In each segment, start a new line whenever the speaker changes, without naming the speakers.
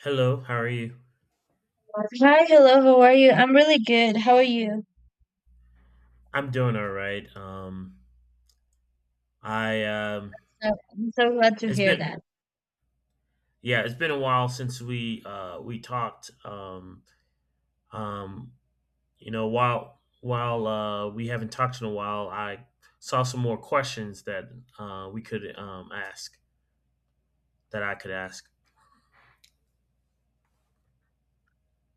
Hello, how are you?
Hi, hello, how are you? I'm really good. How are you?
I'm doing all right. I
So, I'm so glad to
it's
hear
been
that.
yeah, it's been a while since we talked. Um, while we haven't talked in a while, I saw some more questions that we could ask that I could ask.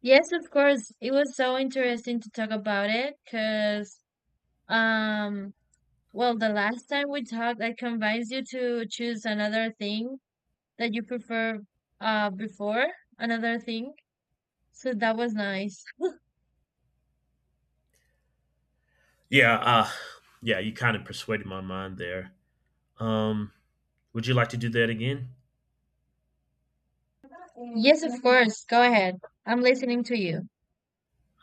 Yes, of course. It was so interesting to talk about it because, um, well, the last time we talked, I convinced you to choose another thing that you prefer, before another thing. So that was nice.
Yeah, yeah, you kind of persuaded my mind there. Um, would you like to do that again?
Yes, of course. Go ahead. I'm listening to you.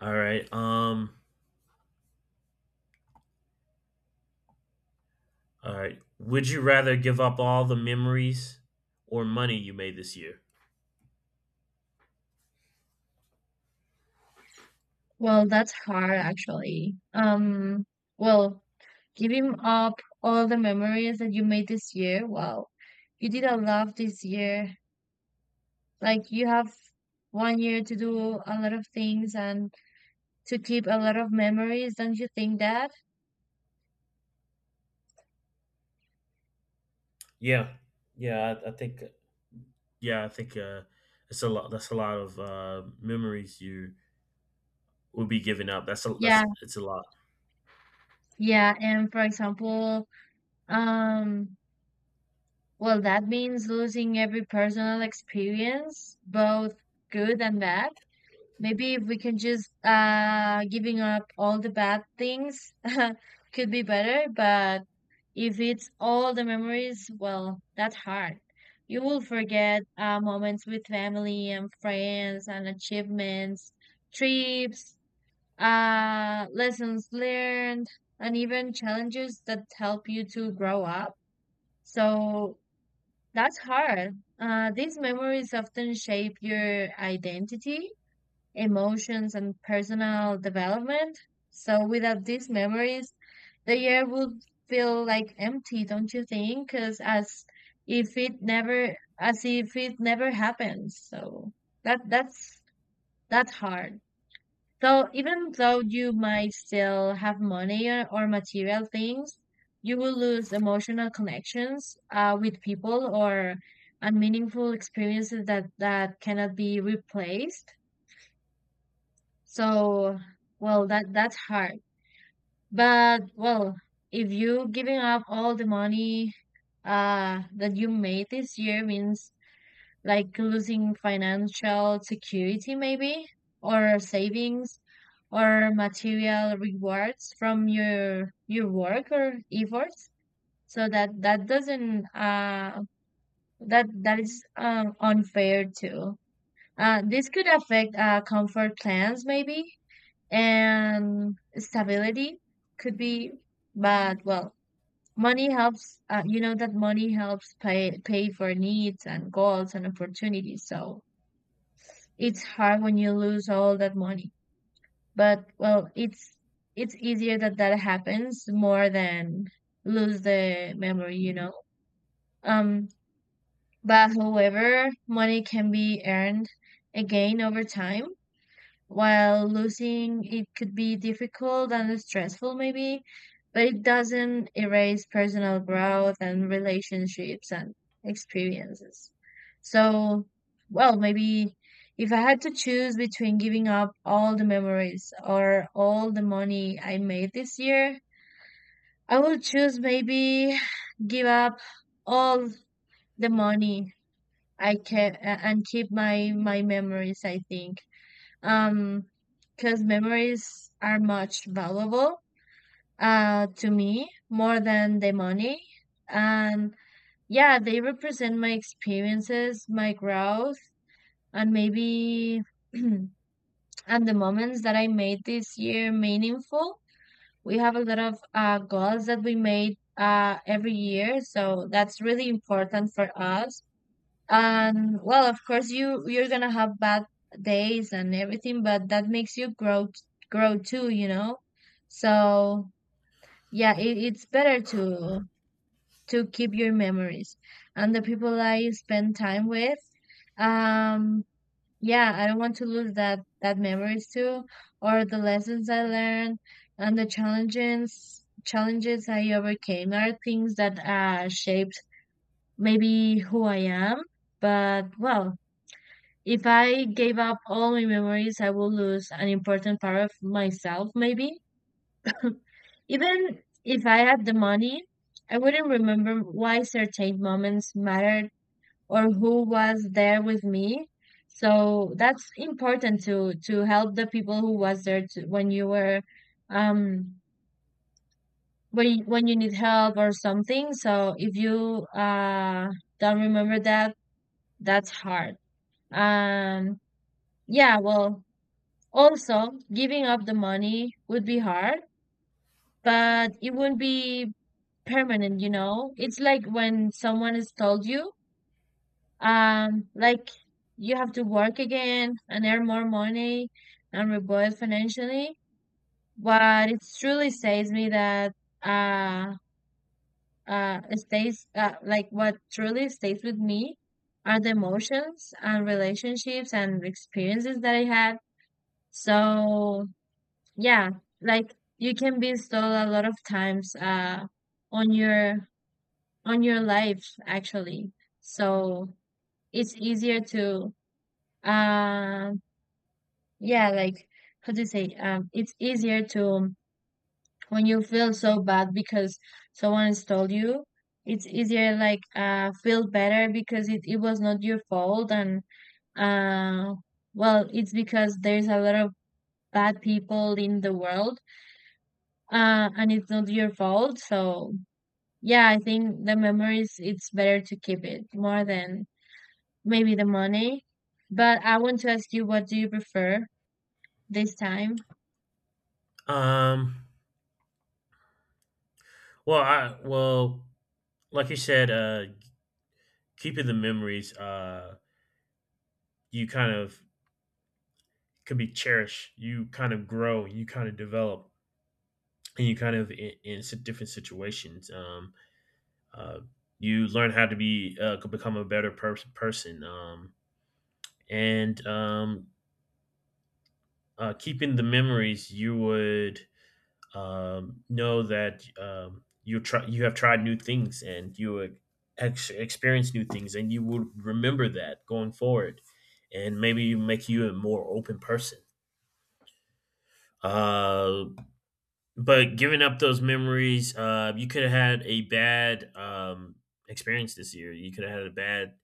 All right. Um, All right. Would you rather give up all the memories or money you made this year?
Well, that's hard actually. Well, giving up all the memories that you made this year. Wow, you did a lot this year. Like you have one year to do a lot of things and to keep a lot of memories. Don't you think that?
Yeah, yeah, I think Yeah, I think it's a lot. That's a lot of memories you will be giving up. That's a that's
Yeah,
it's a lot.
yeah. And for example, um, well, that means losing every personal experience, both good and bad. Maybe if we can just giving up all the bad things could be better, but if it's all the memories, well, that's hard. You will forget moments with family and friends and achievements, trips, lessons learned, and even challenges that help you to grow up. So that's hard. These memories often shape your identity, emotions, and personal development. So without these memories, the year would feel like empty, don't you think? Because as if it never happened. So that that's that's hard. So even though you might still have money or material things, you will lose emotional connections with people or unmeaningful experiences that cannot be replaced. So, well, that's hard. But well, if you giving up all the money that you made this year means like losing financial security, maybe, or savings, or material rewards from your work or efforts. So that doesn't that is unfair too. This could affect comfort plans, maybe, and stability could be, but well, money helps, you know that money helps pay for needs and goals and opportunities, so it's hard when you lose all that money. But well, it's easier that happens more than lose the memory um but however, money can be earned again over time, while losing it could be difficult and stressful, maybe, but it doesn't erase personal growth and relationships and experiences. So, well, maybe if I had to choose between giving up all the memories or all the money I made this year, I will choose, maybe, give up all the money I can and keep my memories, I think, um because memories are much valuable to me more than the money. And yeah, they represent my experiences, my growth, and maybe and the moments that I made this year meaningful. We have a lot of goals that we made every year, so that's really important for us. And well, of course you're gonna have bad days and everything, but that makes you grow too, you know? So yeah, it's better to keep your memories and the people I spend time with. Um, yeah, I don't want to lose that memories too, or the lessons I learned and the challenges I overcame are things that shaped, maybe, who I am. But well, if I gave up all my memories, I would lose an important part of myself, maybe. Even if I had the money, I wouldn't remember why certain moments mattered or who was there with me. So that's important to help the people who was there to, when you were um when you need help or something. So if you don't remember that, that's hard. Um yeah, well, also, giving up the money would be hard, but it wouldn't be permanent, you know? It's like when someone has told you, like you have to work again and earn more money and rebuild financially. But it truly says me that uh it stays, like what truly stays with me are the emotions and relationships and experiences that I had. So yeah, like you can be stalled a lot of times on your life actually. So it's easier to um yeah, like, how do you say, it's easier to when you feel so bad because someone stole you, it's easier like feel better because it was not your fault. And uh well, it's because there's a lot of bad people in the world, and it's not your fault. So yeah, I think the memories, it's better to keep it more than, maybe, the money. But I want to ask you, what do you prefer this time?
Um. Well, like you said, keeping the memories, you kind of could be cherished. You kind of grow. You kind of develop, and you kind of in different situations. Uh, you learn how to be could become a better person, and keeping the memories, you would know that you have tried new things and you would experience new things, and you would remember that going forward, and maybe make you a more open person. Uh, but giving up those memories, you could have had a bad experience this year. You could have had a bad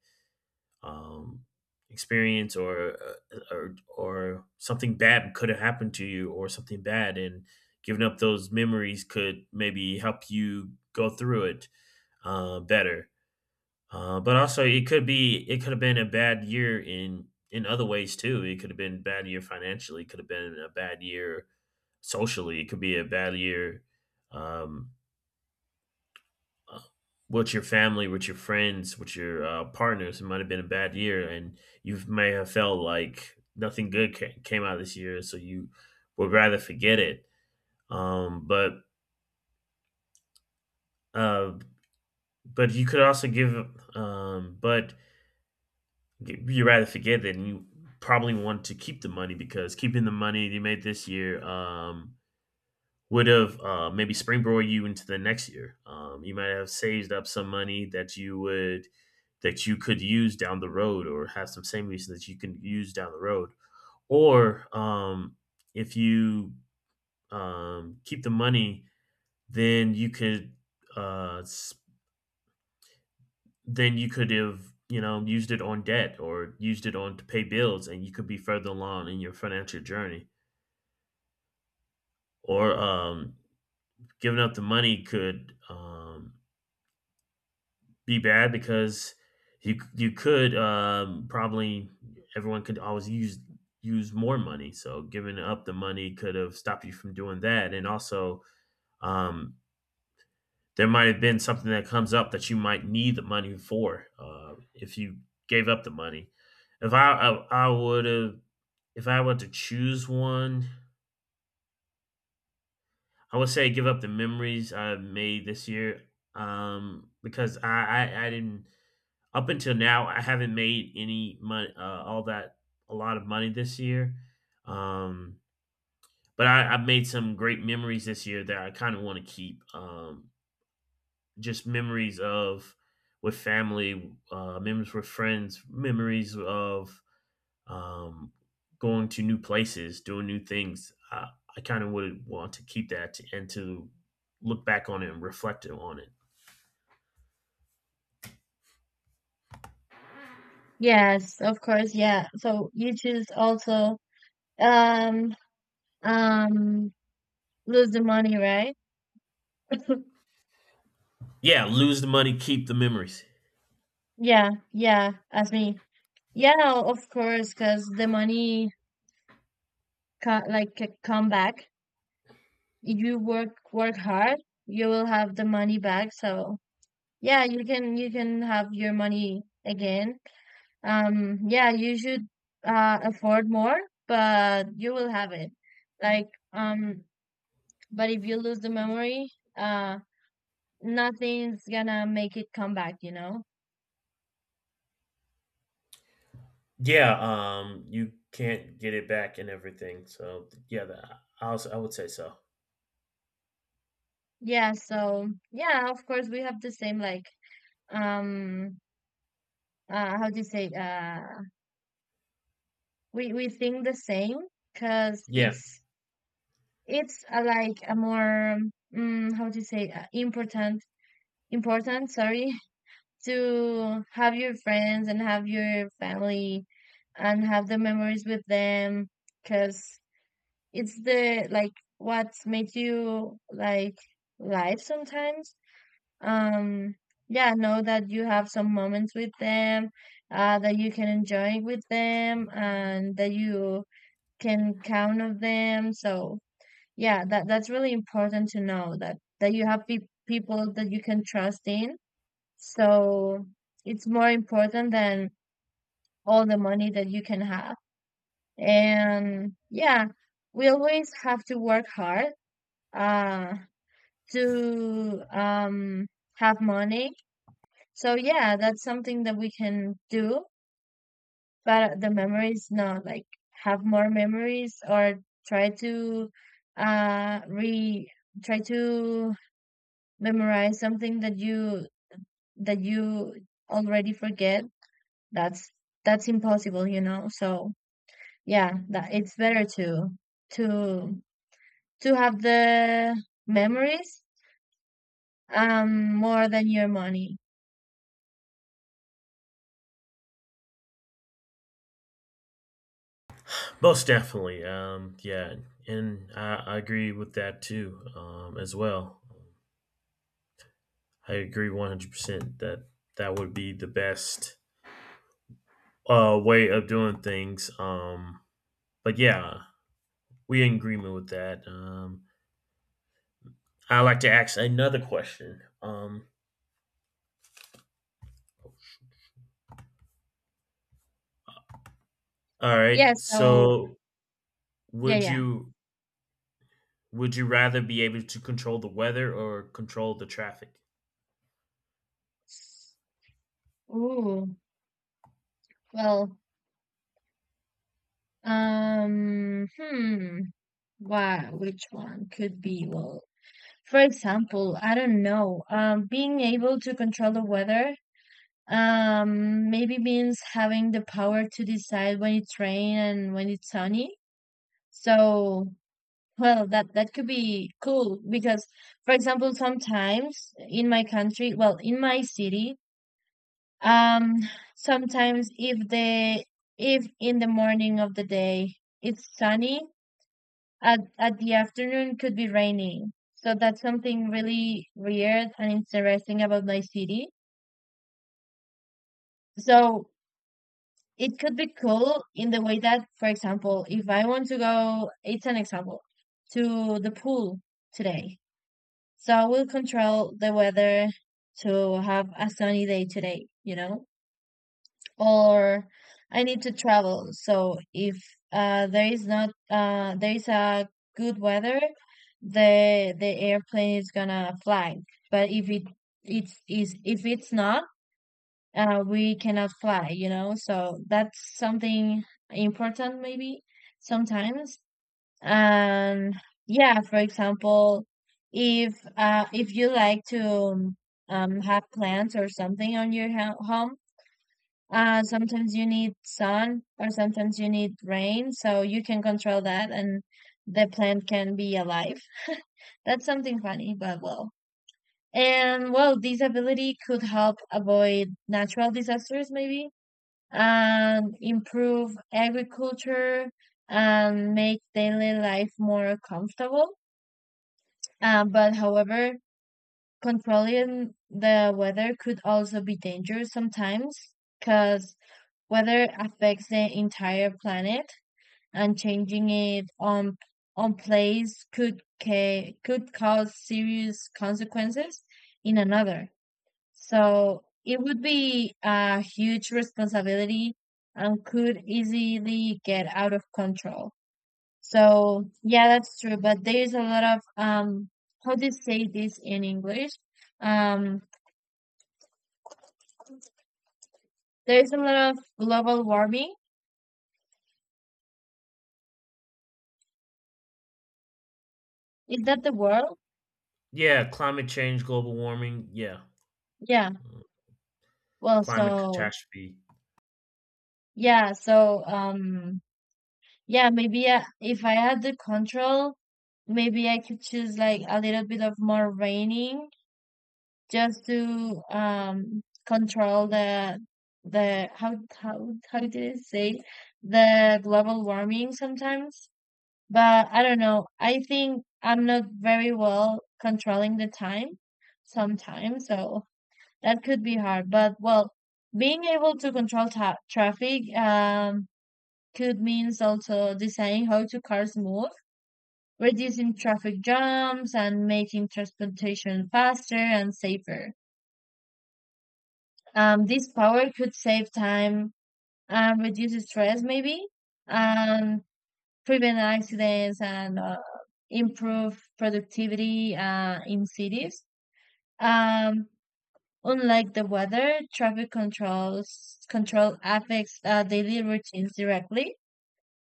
um, experience or something bad could have happened to you, or something bad, and giving up those memories could maybe help you go through it better, but also it could be. It could have been a bad year in other ways too. It could have been a bad year financially. It could have been a bad year socially. It could be a bad year um, with your family, with your friends, with your partners. It might have been a bad year, and you may have felt like nothing good came out of this year, so you would rather forget it. Um, but uh, but you could also give, but you rather forget it, and you probably want to keep the money, because keeping the money you made this year, would have maybe springboard you into the next year. You might have saved up some money that you would that you could use down the road, or have some savings that you can use down the road. Or if you keep the money, then uh, s- then you could have used it on debt, or used it on to pay bills, and you could be further along in your financial journey. Or giving up the money could be bad, because you could probably, everyone could always use more money. So giving up the money could have stopped you from doing that, and also um, there might have been something that comes up that you might need the money for, if you gave up the money. If I I would have If I were to choose one, I would say give up the memories I made this year, because I didn't up until now, I haven't made any money, all that a lot of money this year. Um, but I've made some great memories this year that I kind of want to keep. Just memories of with family, memories with friends, memories of, um, going to new places, doing new things. I kind of would want to keep that to, and to look back on it and reflect on it.
Yes, of course, yeah. So you choose also um um lose the money, right?
Yeah, lose the money, keep the memories.
Yeah, yeah, as me. Yeah, no, of course, because the money ca like come back. If you work hard, you will have the money back. So yeah, you can have your money again. Yeah, you should afford more, but you will have it. Like, but if you lose the memory, uh, nothing's gonna make it come back, you know?
Yeah, you can't get it back and everything. So yeah, that, I would say so.
Yeah, so yeah, of course we have the same, like, um how do you say, we think the same because
Yeah,
it's like a more, how do you say, important, sorry, to have your friends and have your family and have the memories with them, because it's the, like, what makes you, like, live sometimes. um yeah, know that you have some moments with them, that you can enjoy with them and that you can count on them. So yeah, that's really important to know that you have people that you can trust in. So it's more important than all the money that you can have. And yeah, we always have to work hard uh to have money. So yeah, that's something that we can do, but the memories, not like have more memories. Or try to re try to memorize something that you already forget. That's impossible. So yeah, that it's better to to have the memories, more than your money.
most definitely. Yeah, and I agree with that too. As well, I agree 100% that would be the best way of doing things. But yeah, we in agreement with that. I like to ask another question. All right,
Yeah, so
so
yeah,
would
yeah.
you would you rather be able to control the weather or control the traffic?
Ooh, well, um hmm why, which one could be, well, for example, I don't know, being able to control the weather maybe means having the power to decide when it's rain and when it's sunny. So, well, that could be cool because, for example, sometimes in my country, well, in my city, um, sometimes if the if in the morning of the day it's sunny, at the afternoon could be raining. So that's something really weird and interesting about my city. So it could be cool in the way that, for example, if I want to go, it's an example, to the pool today. So I will control the weather to have a sunny day today, you know? Or I need to travel. So if, there is not there is a good weather, the airplane is gonna fly. But if it's not, we cannot fly, you know? So that's something important, maybe, sometimes. And yeah, for example, if you like to have plants or something on your home, sometimes you need sun or sometimes you need rain, so you can control that, and the plant can be alive. That's something funny. But well, and well, this ability could help avoid natural disasters, maybe, and improve agriculture and make daily life more comfortable. But however, controlling the weather could also be dangerous sometimes because weather affects the entire planet, and changing it on place could cause serious consequences in another. So it would be a huge responsibility and could easily get out of control. So yeah, that's true. But there's a lot of, how to say this in English? Um there's a lot of global warming. Is that the word?
Yeah, climate change, global warming. Yeah,
Yeah.
uh,
Well,
climate
so
catastrophe.
yeah, so yeah, maybe if I had the control, maybe I could choose like a little bit of more raining just to control the how did it say, the global warming sometimes. But I don't know. I think I'm not very well controlling the time sometimes, so that could be hard. But well, being able to control ta traffic, could means also deciding how to cars move, reducing traffic jams, and making transportation faster and safer. This power could save time and reduce stress, maybe, and prevent accidents, and, improve productivity, in cities. Um, Unlike the weather, traffic control affects, daily routines directly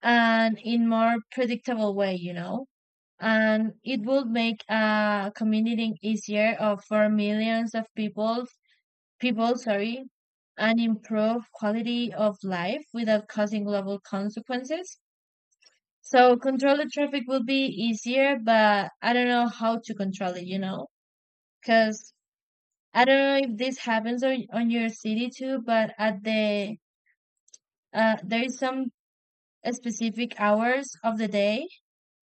and in more predictable way. And it would make, commuting easier, for millions of people, sorry, and improve quality of life without causing global consequences. So control the traffic will be easier, but I don't know how to control it, you know? Because I don't know if this happens on your city too, but at the there is some specific hours of the day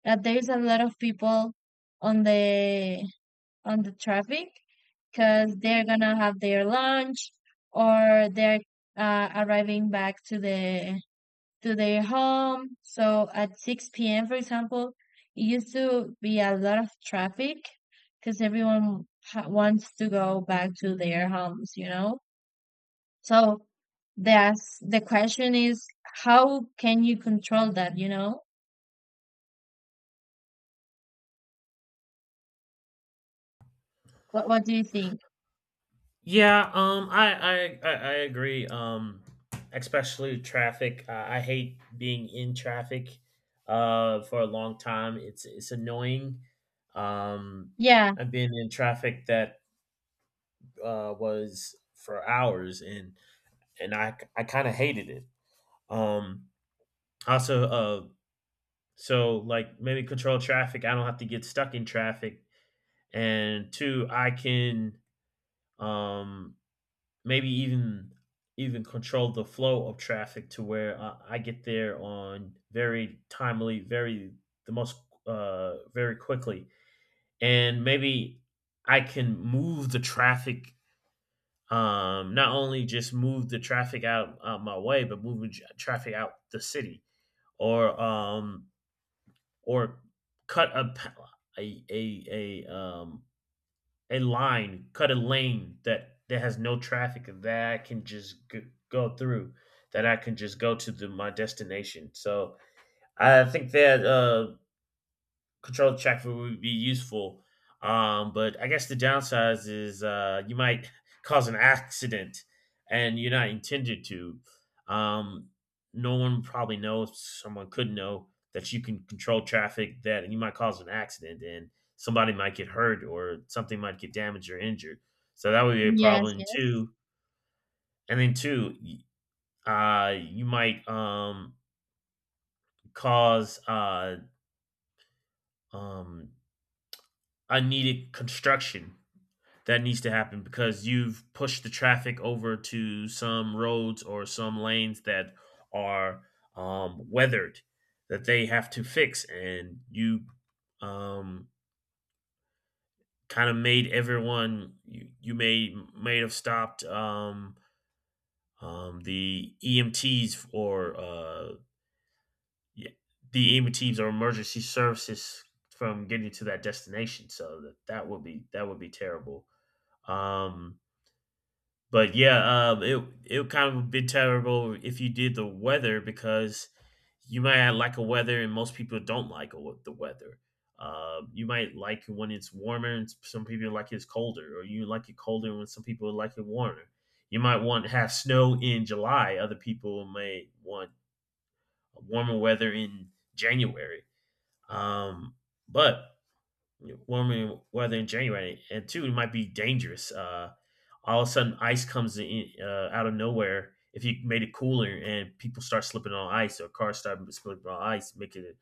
that there is a lot of people on the on the traffic because they're gonna have their lunch or they're arriving back to the to their home. So at 6 p.m., for example, it used to be a lot of traffic because everyone ha wants to go back to their homes, you know? So that's the question is how can you control that, you know? What do you think?
Yeah, I agree. Especially traffic. I hate being in traffic, for a long time. It's annoying. Um,
Yeah.
I've been in traffic that was for hours, and I kind of hated it. Um, Also, so like maybe control traffic. I don't have to get stuck in traffic. And two, I can, um, maybe even control the flow of traffic to where I get there on, very timely, very the most very quickly. And maybe I can move the traffic. Not only just move the traffic out my way, but move the traffic out the city, or um, or cut a a a um a line, cut a lane that has no traffic that I can just go through, that I can just go to my destination. So I think that, controlled traffic would be useful. But I guess the downsides is, you might cause an accident and you're not intended to. Um, no one probably knows, someone could know that you can control traffic, that, and you might cause an accident and somebody might get hurt or something might get damaged or injured. So that would be a
Yes,
problem
yes.
too. And then two, you might cause um, unneeded construction that needs to happen because you've pushed the traffic over to some roads or some lanes that are, weathered, that they have to fix, and you um, kind of made everyone, you may have stopped, the EMTs or, yeah, the EMTs or emergency services from getting to that destination, so that would be, terrible. um, But yeah, it would kind of be terrible if you did the weather, because you might like a weather and most people don't like the weather. You might like it when it's warmer and some people like it's colder, or you like it colder when some people like it warmer. You might want to have snow in July. Other people may want warmer weather in January. Um, but warmer weather in January, and two, it might be dangerous. All of a sudden, ice comes in, out of nowhere. If you made it cooler and people start slipping on ice, or cars start slipping on ice, making it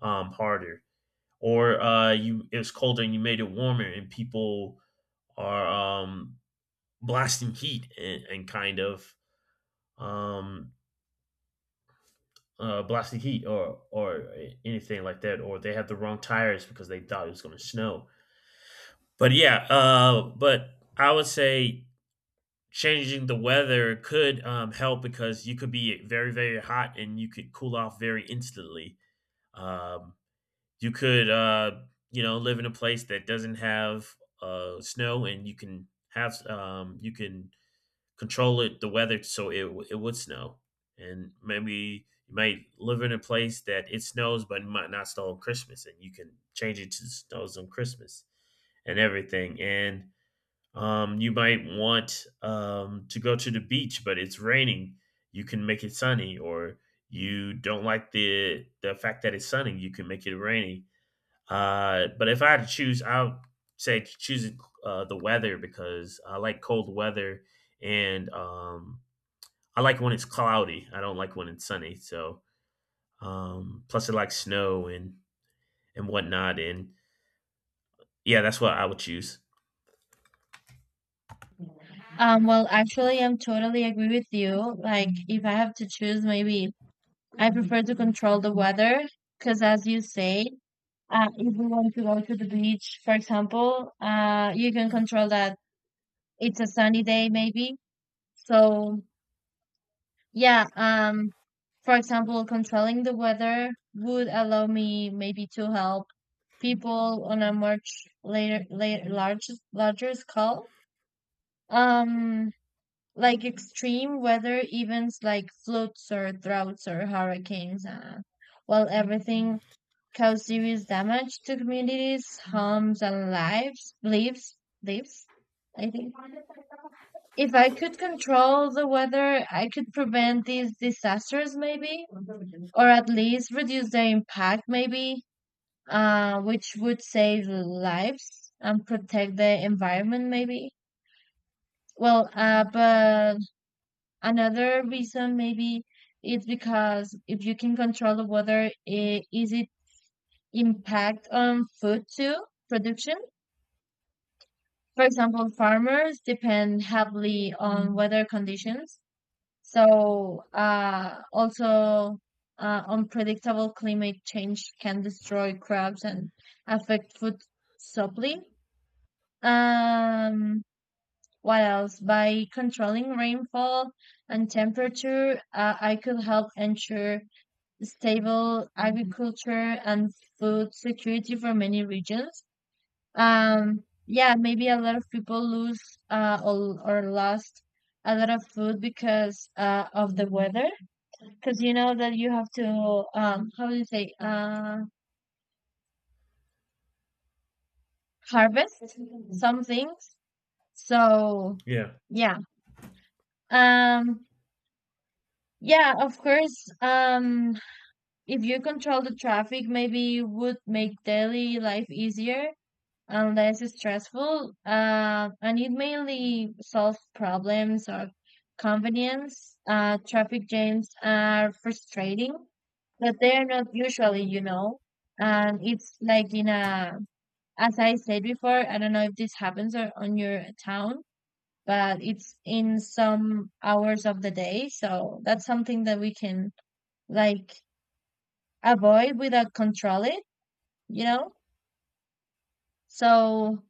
harder. Or you it was colder and you made it warmer, and people are, um, blasting heat, and kind of, um, blasting heat or anything like that. Or they have the wrong tires because they thought it was going to snow. But yeah, but I would say, changing the weather could, help, because you could be very, very hot and you could cool off very instantly. Um, you could, live in a place that doesn't have, snow, and you can you can control it, the weather, so it would snow. And maybe you might live in a place that it snows, but it might not snow on Christmas, and you can change it to snows on Christmas and everything. And you might want, to go to the beach, but it's raining. You can make it sunny, or you don't like the fact that it's sunny. You can make it rainy. But if I had to choose, I would say choose, the weather, because I like cold weather, and, I like when it's cloudy. I don't like when it's sunny. So, plus, I like snow and whatnot. And yeah, that's what I would choose.
Well, actually, I'm totally agree with you. Like, if I have to choose, maybe I prefer to control the weather because, as you say, if we want to go to the beach, for example, you can control that it's a sunny day, maybe. So yeah, for example, controlling the weather would allow me maybe to help people on a much later larger scale. Um, like extreme weather events like floods or droughts or hurricanes, well, everything cause serious damage to communities, homes, and lives, I think. If I could control the weather, I could prevent these disasters maybe or at least reduce their impact, maybe, which would save lives and protect the environment, maybe. Well, but another reason maybe is because if you can control the weather, is it impact on food too production? For example, farmers depend heavily on weather conditions. So, also, unpredictable climate change can destroy crops and affect food supply. Um, what else? By controlling rainfall and temperature, I could help ensure stable agriculture and food security for many regions. Yeah, maybe a lot of people lose or lost a lot of food because of the weather. Because you know that you have to, how do you say, harvest some things. So,
Yeah.
yeah. Um, yeah, of course. If you control the traffic, maybe it would make daily life easier and less stressful. And it mainly solves problems of convenience. Traffic jams are frustrating, but they are not usually, you know. And it's like in a, as I said before, I don't know if this happens or on your town, but it's in some hours of the day. So that's something that we can like avoid without control it, you know? So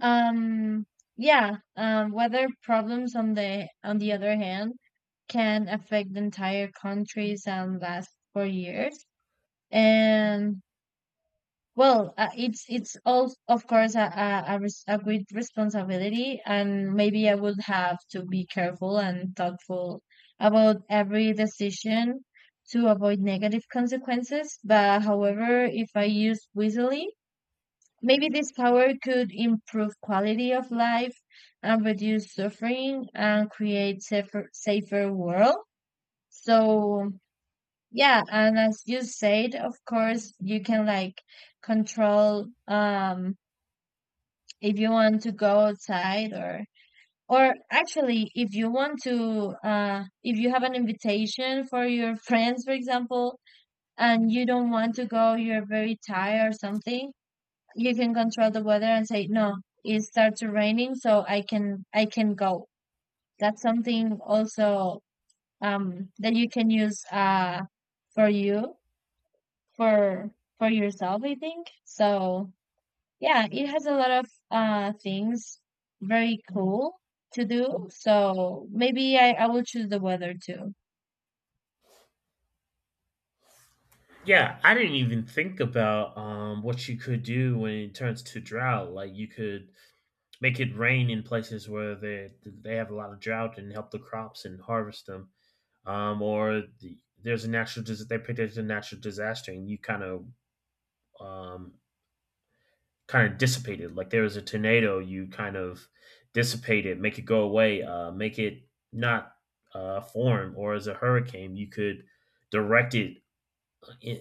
Um, yeah, weather problems on the other hand can affect entire countries and last for years. And well, it's all of course a great responsibility, and maybe I would have to be careful and thoughtful about every decision to avoid negative consequences. But however, if I use wisely, maybe this power could improve quality of life and reduce suffering and create safer world. So yeah, and as you said, of course you can like control if you want to go outside or actually if you want to if you have an invitation for your friends, for example, and you don't want to go, you're very tired or something, you can control the weather and say no, it starts raining so I can go. That's something also, that you can use for you, for for yourself, I think. So yeah, it has a lot of things, very cool to do. So maybe I will choose the weather too.
Yeah, I didn't even think about, what you could do when it turns to drought. Like, you could make it rain in places where they have a lot of drought and help the crops and harvest them. Or there's a natural, they predict a natural disaster and you um, kind of dissipate it. Like, there was a tornado, you kind of dissipate it, make it go away, make it not, form. Or as a hurricane, you could direct it, eh,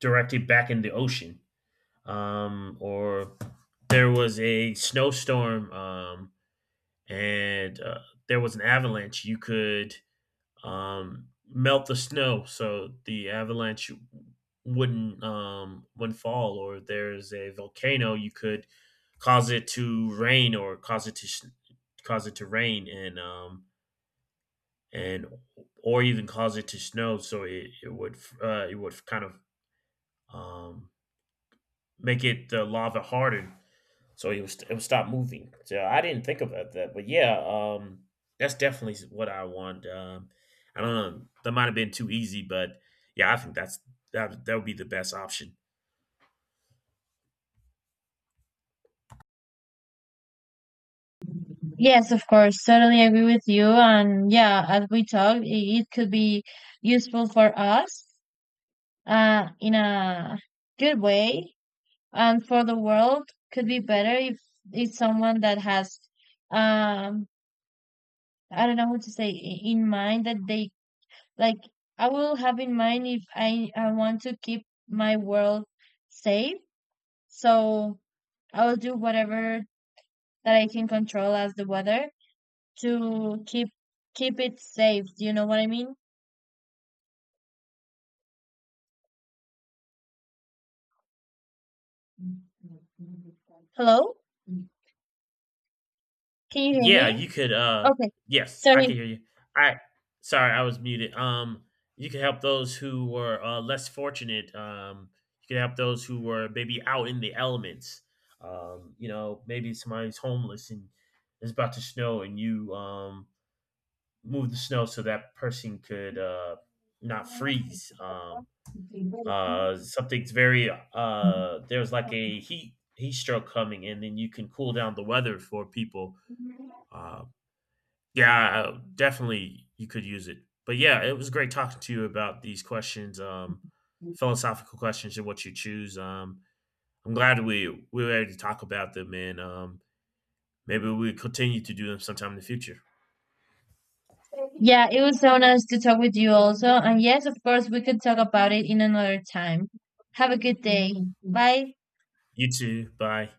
direct it back in the ocean, or there was a snowstorm, and, there was an avalanche, you could, melt the snow so the avalanche, wouldn't fall. Or there's a volcano, you could cause it to rain, or cause it to rain, and or even cause it to snow so it would, it would kind of, um, make it the lava harden so it would stop moving. So I didn't think about that, but yeah, that's definitely what I want. I don't know, that might have been too easy, but yeah, I think that would be the best option.
Yes, of course, totally agree with you. And yeah, as we talk it could be useful for us in a good way. And for the world could be better if it's someone that has um I don't know how to say, in mind that they like, I will have in mind if I want to keep my world safe. So I'll do whatever that I can control as the weather to keep it safe. Do you know what I mean? Hello, can you hear
Yeah,
me?
you could.
Okay,
Yes, I
sorry.
can hear you. I Sorry, I was muted. You could help those who were, less fortunate. You could help those who were maybe out in the elements. Maybe somebody's homeless and it's about to snow, and you move the snow so that person could, not freeze. Something's very There's like a heat stroke coming, and then you can cool down the weather for people.
Yeah,
Uh, yeah, definitely you could use it. But yeah, it was great talking to you about these questions, philosophical questions, and what you choose. I'm glad we were able to talk about them, and, maybe we continue to do them sometime in the future.
it was so nice to talk with you also. And yes, of course, we could talk about it in another time. Have a good day. Bye.
You too. Bye.